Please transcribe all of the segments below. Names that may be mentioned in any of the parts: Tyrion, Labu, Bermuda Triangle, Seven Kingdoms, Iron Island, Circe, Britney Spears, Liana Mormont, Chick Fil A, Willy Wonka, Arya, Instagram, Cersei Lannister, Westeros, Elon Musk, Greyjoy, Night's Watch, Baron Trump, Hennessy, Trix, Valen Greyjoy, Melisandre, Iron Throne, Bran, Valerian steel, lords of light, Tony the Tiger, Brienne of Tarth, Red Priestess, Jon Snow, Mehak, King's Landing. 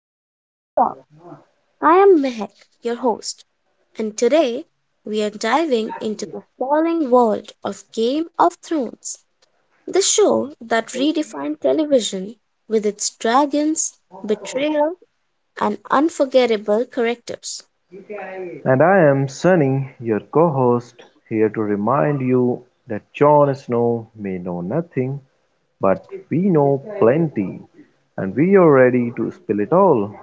to Throne Talk. I am Mehak, your host, and today we are diving into the sprawling world of Game of Thrones, the show that redefined television with its dragons, betrayal, and unforgettable characters. And I am Sunny, your co-host, here to remind you that Jon Snow may know nothing, but we know plenty, and we are ready to spill it all.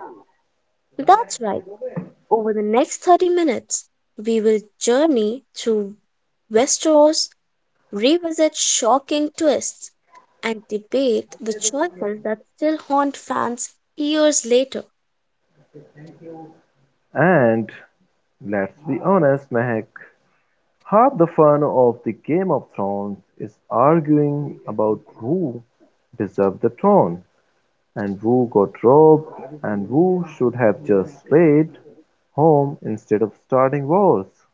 That's right. Over the next 30 minutes, we will journey through Westeros, revisit shocking twists, and debate the choices that still haunt fans years later. And let's be honest, Mehak, half the fun of the Game of Thrones is arguing about who deserved the throne, and who got robbed, and who should have just stayed home instead of starting wars.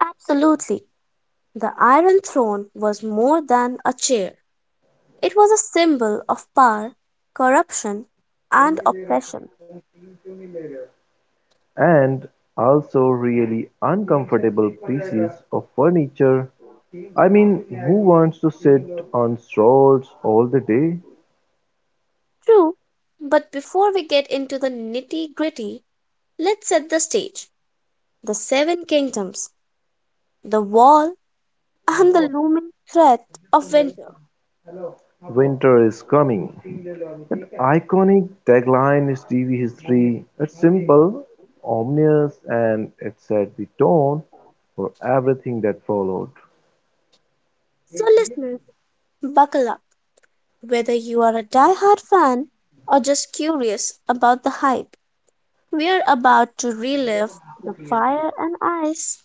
Absolutely. The Iron Throne was more than a chair. It was a symbol of power, corruption, and oppression. And also really uncomfortable pieces of furniture. I mean, who wants to sit on strolls all the day? True, but before we get into the nitty gritty, let's set the stage. The Seven Kingdoms, the Wall, and the looming threat of winter. Winter is coming. That iconic tagline is TV history. It's simple, ominous, and it set the tone for everything that followed. So, listeners, buckle up. Whether you are a die hard fan or just curious about the hype, we're about to relive the fire and ice.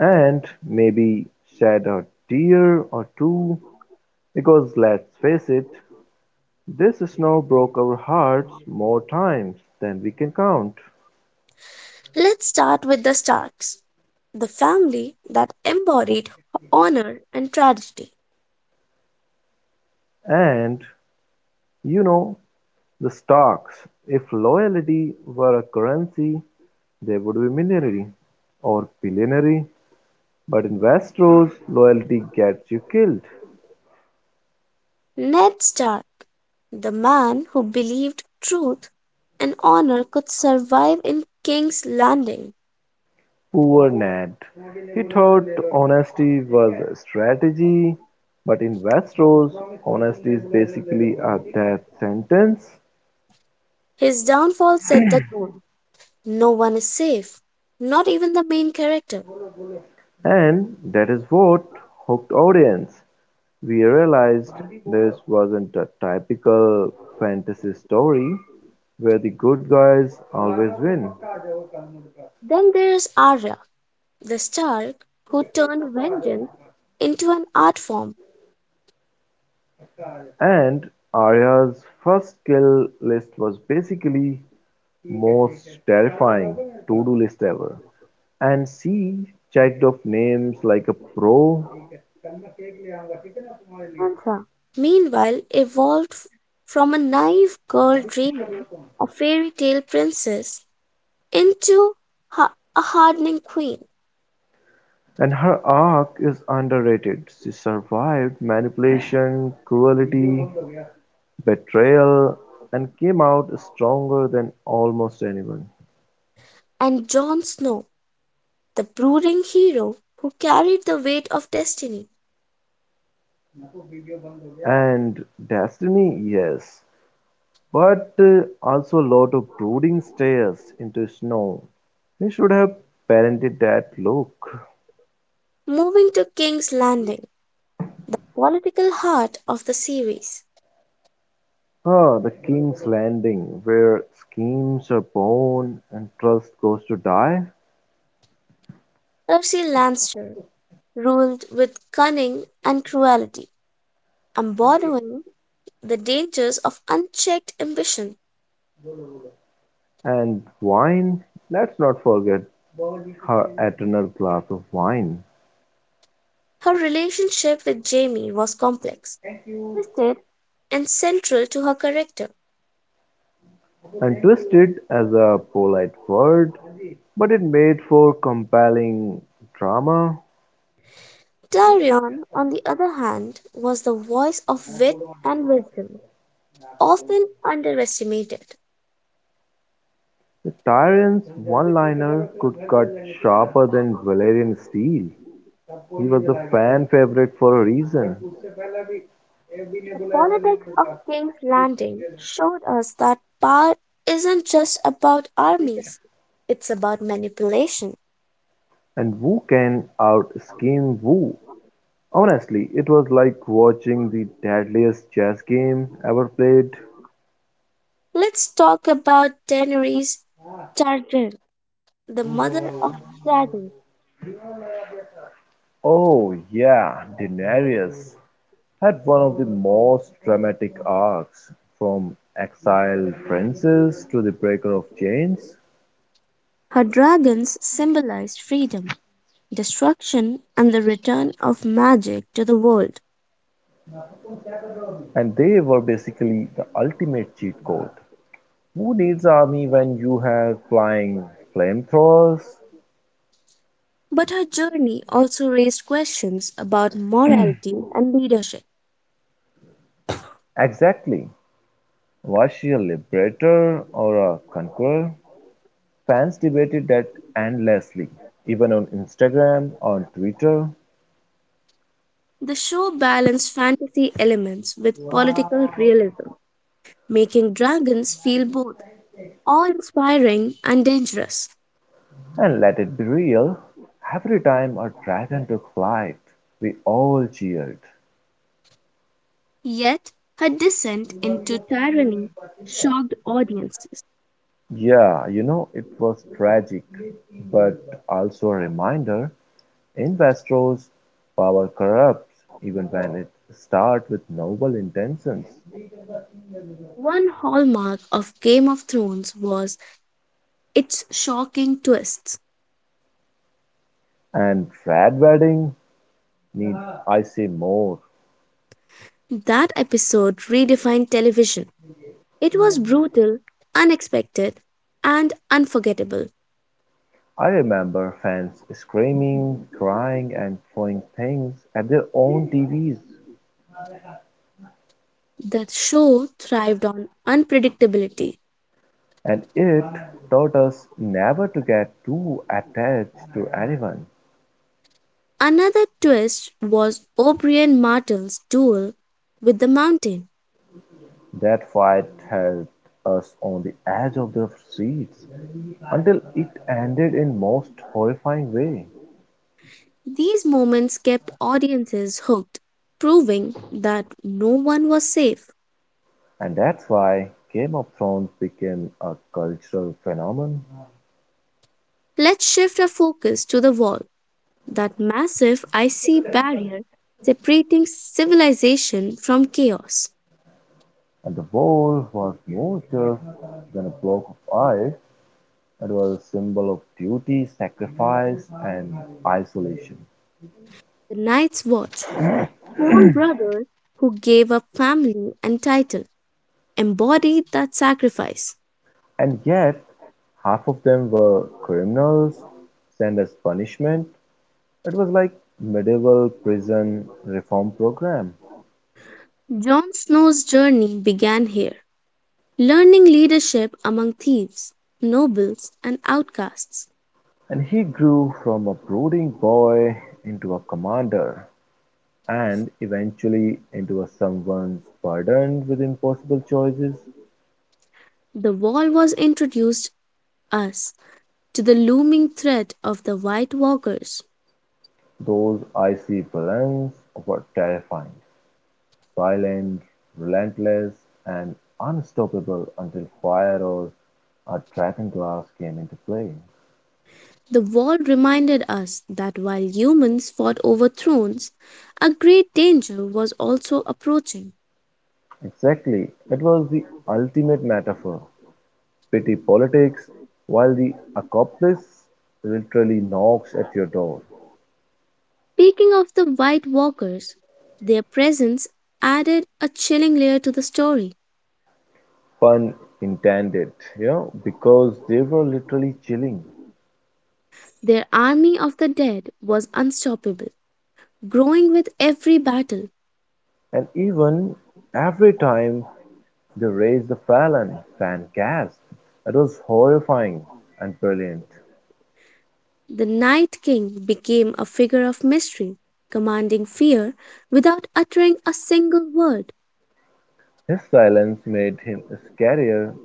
And maybe shed a tear or two, because let's face it, this snow broke our hearts more times than we can count. Let's start with the Starks, the family that embodied honor and tragedy. And, you know, the stocks. If loyalty were a currency, they would be millionary or billionary. But in Westeros, loyalty gets you killed. Ned Stark, the man who believed truth and honor could survive in King's Landing. Poor Ned. He thought honesty was a strategy, but in Westeros, honesty is basically a death sentence, His downfall set the tone. No one is safe, not even the main character. and that is what hooked audience. We realized this wasn't a typical fantasy story where the good guys always win. Then there's Arya, the Stark who turned vengeance into an art form. And Arya's first kill list was basically most terrifying to-do list ever. And she checked off names like a pro. Sansa, meanwhile, evolved from a naive girl dreaming of fairy tale princess into a hardening queen, And her arc is underrated; she survived manipulation, cruelty, betrayal, and came out stronger than almost anyone. and Jon Snow, the brooding hero who carried the weight of destiny, And destiny, yes, but also a lot of brooding stares into snow. He should have parented that look. moving to King's Landing, political heart of the series. Ah, the King's Landing, where schemes are born and trust goes to die. Cersei Lannister ruled with cunning and cruelty, embodying the dangers of unchecked ambition. And wine? Let's not forget her eternal glass of wine. Her relationship with Jamie was complex, twisted, and central to her character. And twisted as a polite word, but it made for compelling drama. Tyrion, on the other hand, was the voice of wit and wisdom, often underestimated. The tyrant's one liner could cut sharper than Valerian steel. He was a fan favorite for a reason. The politics of King's Landing showed us that power isn't just about armies, it's about manipulation. And who can out scheme Wu. Honestly, it was like watching the deadliest chess game ever played. Let's talk about Daenerys Targaryen, the mother of dragons. Oh, yeah, Daenerys had one of the most dramatic arcs from exiled princess to the breaker of chains, Her dragons symbolized freedom, destruction, and the return of magic to the world. and they were basically the ultimate cheat code. Who needs army when you have flying flamethrowers? But her journey also raised questions about morality and leadership. Exactly. Was she a liberator or a conqueror? Fans debated that endlessly, even on Instagram, on Twitter, The show balanced fantasy elements with political realism, making dragons feel both awe inspiring and dangerous. and let it be real, every time a dragon took flight, we all cheered. Yet, her descent into tyranny shocked audiences. Yeah, you know, it was tragic, but also a reminder investors' power corrupts even when it starts with noble intentions. One hallmark of Game of Thrones was its shocking twists. And Fred Wedding need I say more. That episode redefined television. It was brutal, unexpected, and unforgettable. I remember fans screaming, crying and throwing things at their own TVs, That show thrived on unpredictability. and it taught us never to get too attached to anyone. Another twist was O'Brien Martell's duel with the mountain. That fight held us on the edge of the seats until it ended in most horrifying way. These moments kept audiences hooked, proving that no one was safe. And that's why Game of Thrones became a cultural phenomenon, Let's shift our focus to the wall, that massive icy barrier separating civilization from chaos. and the war was more just than a block of ice. It was a symbol of duty, sacrifice, and isolation. The Night's Watch. Swan brothers who gave up family and title embodied that sacrifice. And yet, half of them were criminals sent as punishment. It was like medieval prison reform program. Jon Snow's journey began here, learning leadership among thieves, nobles, and outcasts. And he grew from a brooding boy into a commander and eventually into a someone burdened with impossible choices. The wall was introduced us to the looming threat of the White Walkers. Those icy balance were terrifying. Silent, relentless, and unstoppable until fire or a dragonglass came into play. The wall reminded us that while humans fought over thrones, a great danger was also approaching. Exactly, it was the ultimate metaphor. Petty politics, while the accomplice literally knocks at your door. Speaking of the White Walkers, their presence added a chilling layer to the story. Pun intended, you know, because they were literally chilling. Their army of the dead was unstoppable, growing with every battle. And even every time they raised the Fallon fan cast, it was horrifying and brilliant. The Night King became a figure of mystery, commanding fear without uttering a single word. His silence made him scarier;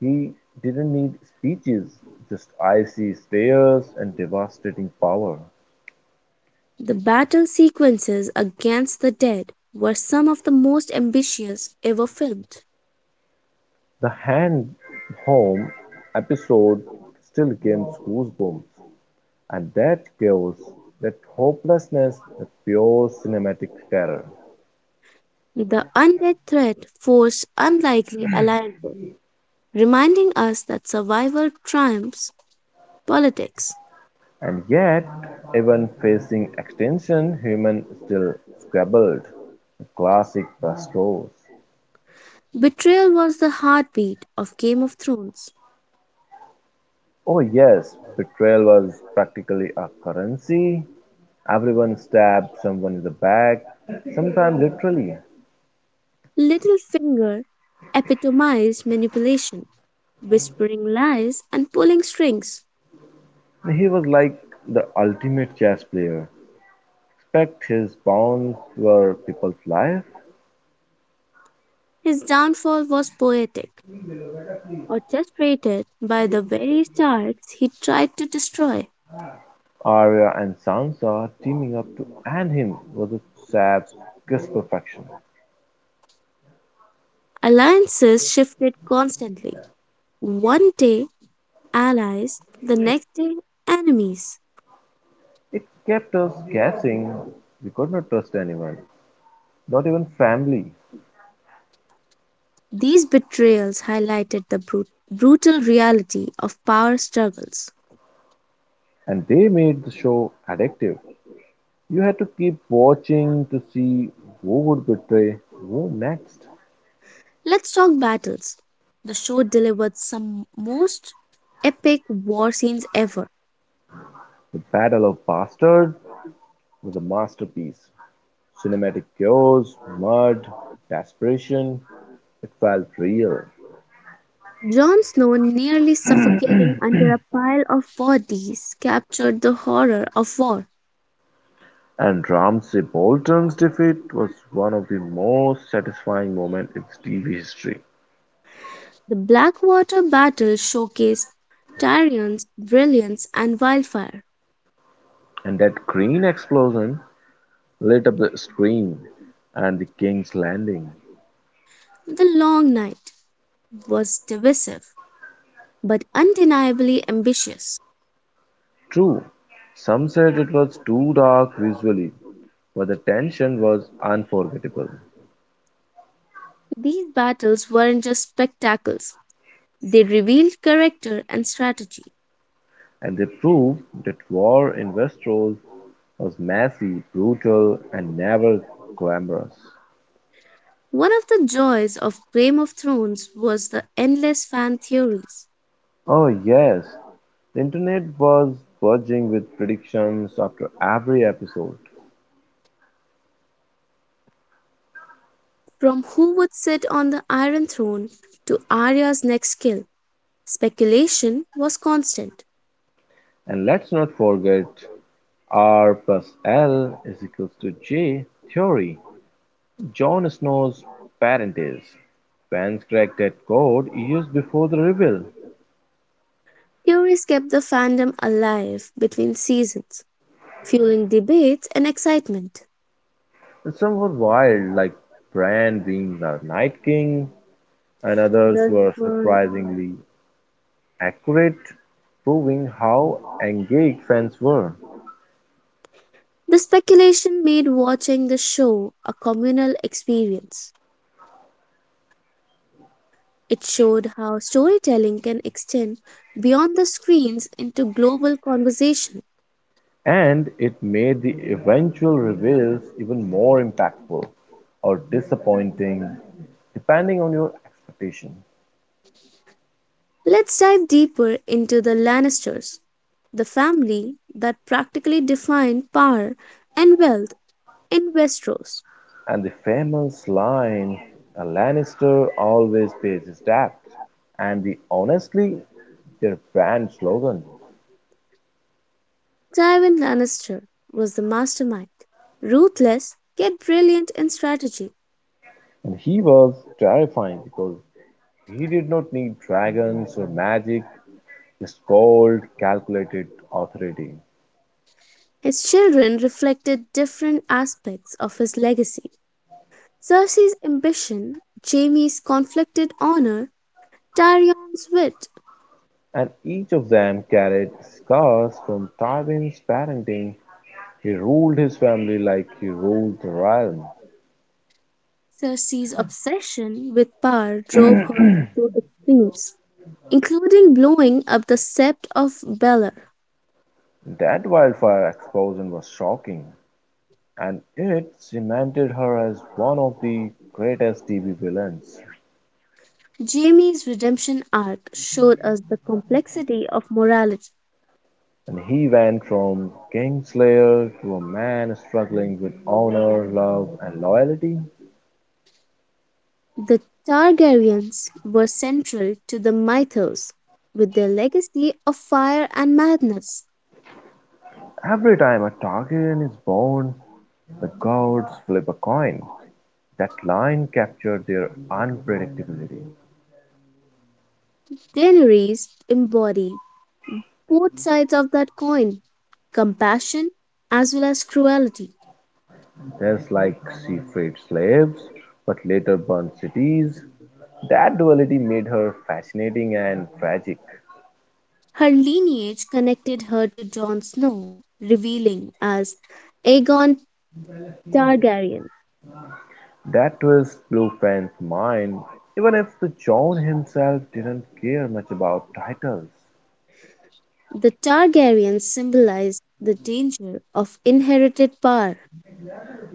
he didn't need speeches, just icy stares and devastating power. The battle sequences against the dead were some of the most ambitious ever filmed. The Hand Home episode still gives goosebumps, and that chaos, that hopelessness, that pure cinematic terror. The undead threat forced unlikely alliances reminding us that survival triumphs politics. And yet, even facing extinction, human still squabbled. The classic best. Betrayal was the heartbeat of Game of Thrones. Oh yes, betrayal was practically a currency. Everyone stabbed someone in the back, sometimes literally. Littlefinger epitomized manipulation, whispering lies and pulling strings. He was like the ultimate chess player. Expect his pawns were people's life. His downfall was poetic, orchestrated by the very Starks he tried to destroy. Arya and Sansa teaming up to end him was a sadist perfection. Alliances shifted constantly. One day, allies, the next day, enemies. It kept us guessing. We could not trust anyone, not even family. These betrayals highlighted the brutal reality of power struggles. And they made the show addictive. You had to keep watching to see who would betray who next. Let's talk battles. The show delivered some most epic war scenes ever. The Battle of Bastards was a masterpiece. Cinematic chaos, mud, desperation. It felt real. Jon Snow nearly suffocating under a pile of bodies captured the horror of war. And Ramsay Bolton's defeat was one of the most satisfying moments in TV history. The Blackwater battle showcased Tyrion's brilliance and wildfire. And that green explosion lit up the screen and the King's Landing. The Long Night was divisive but undeniably ambitious. True, some said it was too dark visually, but the tension was unforgettable. These battles weren't just spectacles, they revealed character and strategy. And they proved that war in Westeros was messy, brutal, and never glamorous. One of the joys of Game of Thrones was the endless fan theories. Oh yes, the internet was buzzing with predictions after every episode. From who would sit on the Iron Throne to Arya's next kill, speculation was constant. And let's not forget R plus L is equals to J theory, Jon Snow's parentage. Fans cracked that code years before the reveal. Theories kept the fandom alive between seasons, fueling debates and excitement. And some were wild, like Bran being the Night King, and others Others were were- surprisingly accurate, proving how engaged fans were. The speculation made watching the show a communal experience. It showed how storytelling can extend beyond the screens into global conversation. And it made the eventual reveals even more impactful or disappointing, depending on your expectation. Let's dive deeper into the Lannisters, the family that practically defined power and wealth in Westeros. And the famous line, a Lannister always pays his debts, and the honestly, their brand slogan. Tywin Lannister was the mastermind, ruthless yet brilliant in strategy. And he was terrifying because he did not need dragons or magic. Is called calculated authority, His children reflected different aspects of his legacy. Cersei's ambition, Jaime's conflicted honor, Tyrion's wit, and each of them carried scars from Tywin's parenting. He ruled his family like he ruled the realm. Cersei's obsession with power drove her to extremes, including blowing up the Sept of Baelor. That wildfire explosion was shocking, and it cemented her as one of the greatest TV villains. Jaime's redemption arc showed us the complexity of morality. And he went from Kingslayer to a man struggling with honor, love, and loyalty. The Targaryens were central to the mythos with their legacy of fire and madness. Every time a Targaryen is born, the gods flip a coin. That line captured their unpredictability, Daenerys embodied both sides of that coin, compassion as well as cruelty. just like she freed slaves but later burned cities. That duality made her fascinating and tragic. Her lineage connected her to Jon Snow, revealing as Aegon Targaryen. That was blew fans' mind, even if the John himself didn't care much about titles The Targaryens symbolized the danger of inherited power.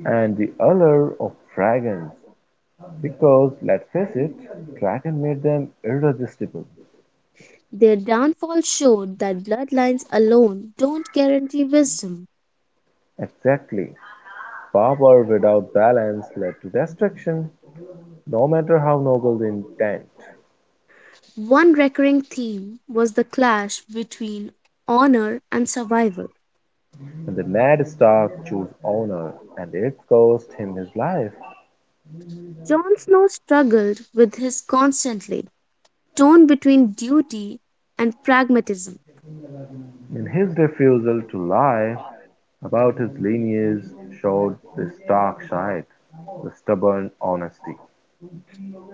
and the allure of dragons. Because, let's face it, dragon made them irresistible. Their downfall showed that bloodlines alone don't guarantee wisdom. Exactly. Power without balance led to destruction. No matter how noble the intent, One recurring theme was the clash between honor and survival. and the mad Stark chose honor, and it cost him his life. Jon Snow struggled with his constantly, torn between duty and pragmatism. In his refusal to lie about his lineage showed the Stark side, the stubborn honesty.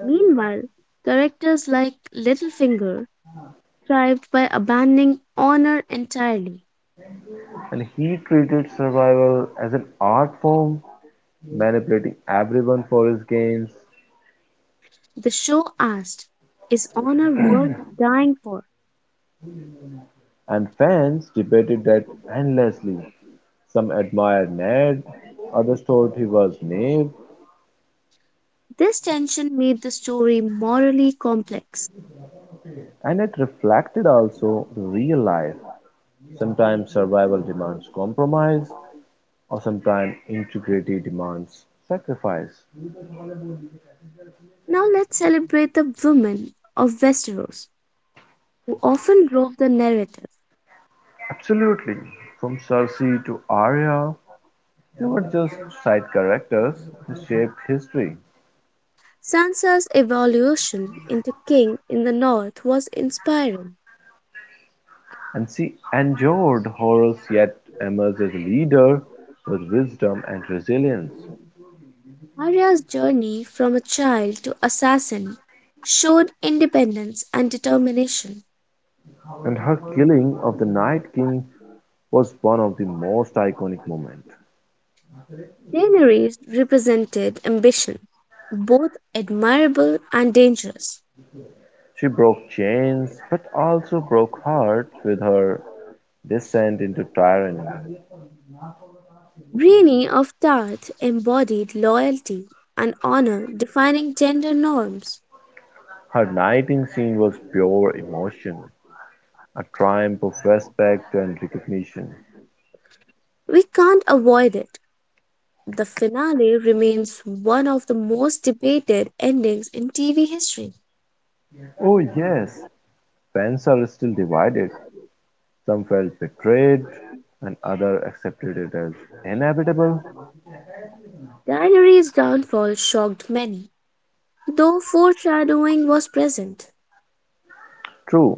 Meanwhile, characters like Littlefinger thrived by abandoning honor entirely. And he treated survival as an art form, manipulating everyone for his gains. The show asked, is honor worth dying for? And fans debated that endlessly. Some admired Ned, others thought he was naive, This tension made the story morally complex. and it reflected also real life. Sometimes survival demands compromise, or sometimes integrity demands sacrifice. Now let's celebrate the women of Westeros, who often drove the narrative. Absolutely. From Circe to Arya, they were just side characters who shaped history. Sansa's evolution into king in the north was inspiring. And she endured horrors yet emerged as a leader with wisdom and resilience. Arya's journey from a child to assassin showed independence and determination. And her killing of the Night King was one of the most iconic moments. Daenerys represented ambition, both admirable and dangerous. She broke chains, but also broke hearts with her descent into tyranny. Brienne of Tarth embodied loyalty and honor, defining gender norms. Her knighting scene was pure emotion, a triumph of respect and recognition. We can't avoid it. The finale remains one of the most debated endings in TV history. Oh yes, fans are still divided. Some felt betrayed, and others accepted it as inevitable. Daenerys' downfall shocked many, though foreshadowing was present. True,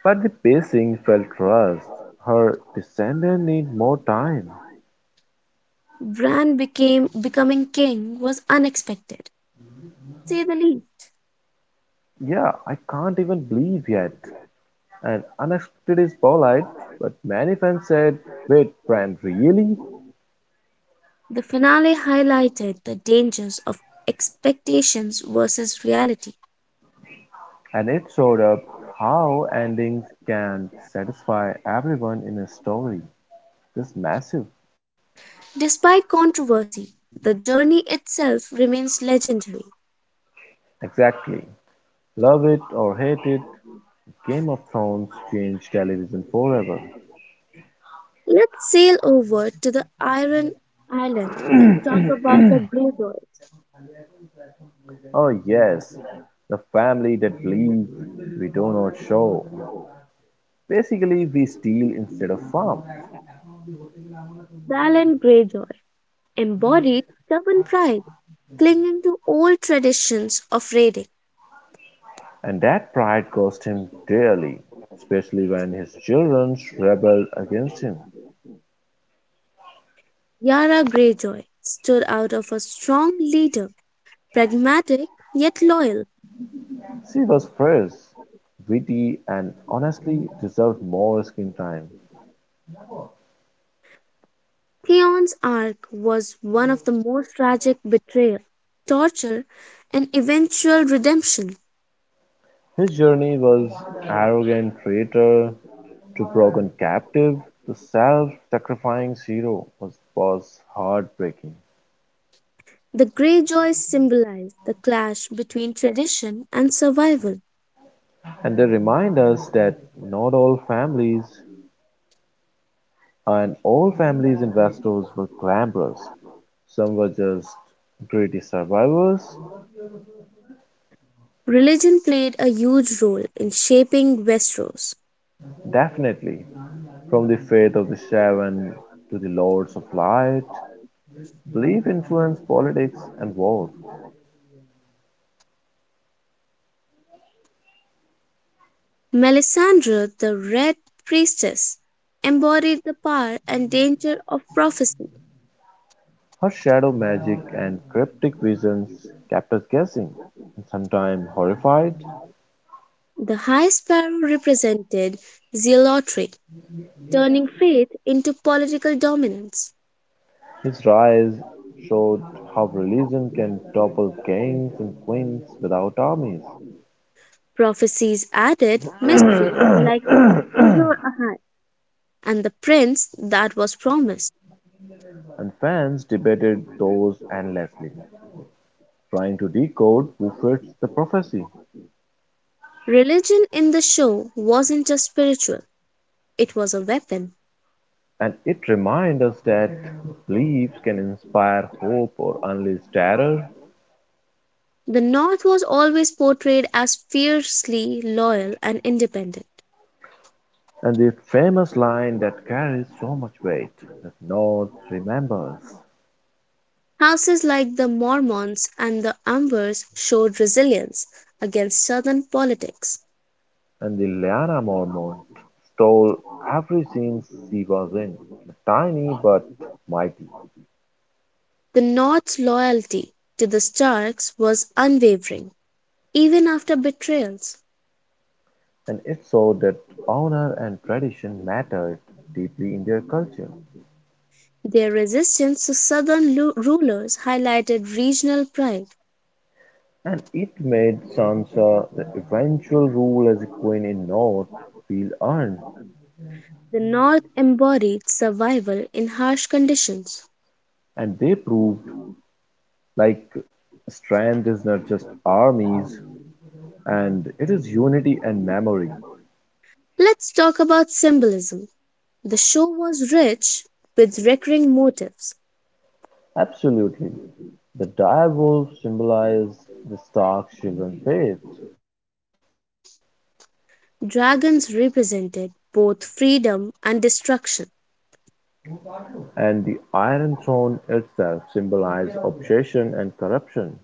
but the pacing felt rushed. Her descendant need more time. Bran became becoming king was unexpected, to say the least. Yeah, I can't even believe yet. And unexpected is polite, but many fans said, wait, Brand, really? The finale highlighted the dangers of expectations versus reality. And it showed up how endings can satisfy everyone in a story. This massive. Despite controversy, the journey itself remains legendary. Exactly. Love it or hate it, Game of Thrones changed television forever. Let's sail over to the Iron Island and talk about the Greyjoys. Oh, yes. The family that bleeds, we do not show. Basically, we steal instead of farm. Valen Greyjoy embodied stubborn pride, clinging to old traditions of raiding. And that pride cost him dearly, especially when his children rebelled against him. Yara Greyjoy stood out of a strong leader, pragmatic yet loyal. She was fresh, witty, and honestly deserved more screen time. Theon's arc was one of the most tragic betrayal, torture, and eventual redemption. His journey was arrogant traitor to broken captive. The self sacrificing hero was heartbreaking. The Greyjoys symbolized the clash between tradition and survival. And they remind us that not all families and all families investors were glamorous. Some were just greedy survivors. Religion played a huge role in shaping Westeros. Definitely. From the faith of the shaven to the lords of light, belief influenced politics and war. Melisandre, the Red Priestess, embodied the power and danger of prophecy. Her shadow magic and cryptic visions kept us guessing, and sometimes horrified. The High Sparrow represented zealotry, turning faith into political dominance. His rise showed how religion can topple kings and queens without armies, Prophecies added mystery and like ever had, and the prince that was promised. fans debated those endlessly, trying to decode who fits the prophecy. Religion in the show wasn't just spiritual, it was a weapon. And it reminds us that beliefs can inspire hope or unleash terror. The North was always portrayed as fiercely loyal and independent. And the famous line that carries so much weight that no one remembers. Houses like the Mormons and the Amwers showed resilience against Southern politics. And the Liana Mormont stole every scene she was in, tiny but mighty. The North's loyalty to the Starks was unwavering, even after betrayals. And it showed that honor and tradition mattered deeply in their culture. Their resistance to rulers highlighted regional pride. And it made Sansa the eventual rule as a queen in North feel earned. The North embodied survival in harsh conditions. And they proved, like, strength is not just armies, and it is unity and memory. Let's talk about symbolism. The show was rich with recurring motifs. Absolutely. The dire wolf symbolizes the Stark children's faith. Dragons represented both freedom and destruction. And the Iron Throne itself symbolizes obsession and corruption.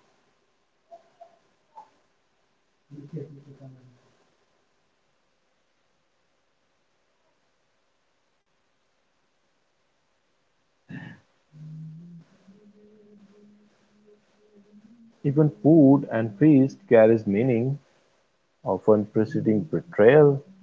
Even food and feast carries meaning, often preceding betrayal.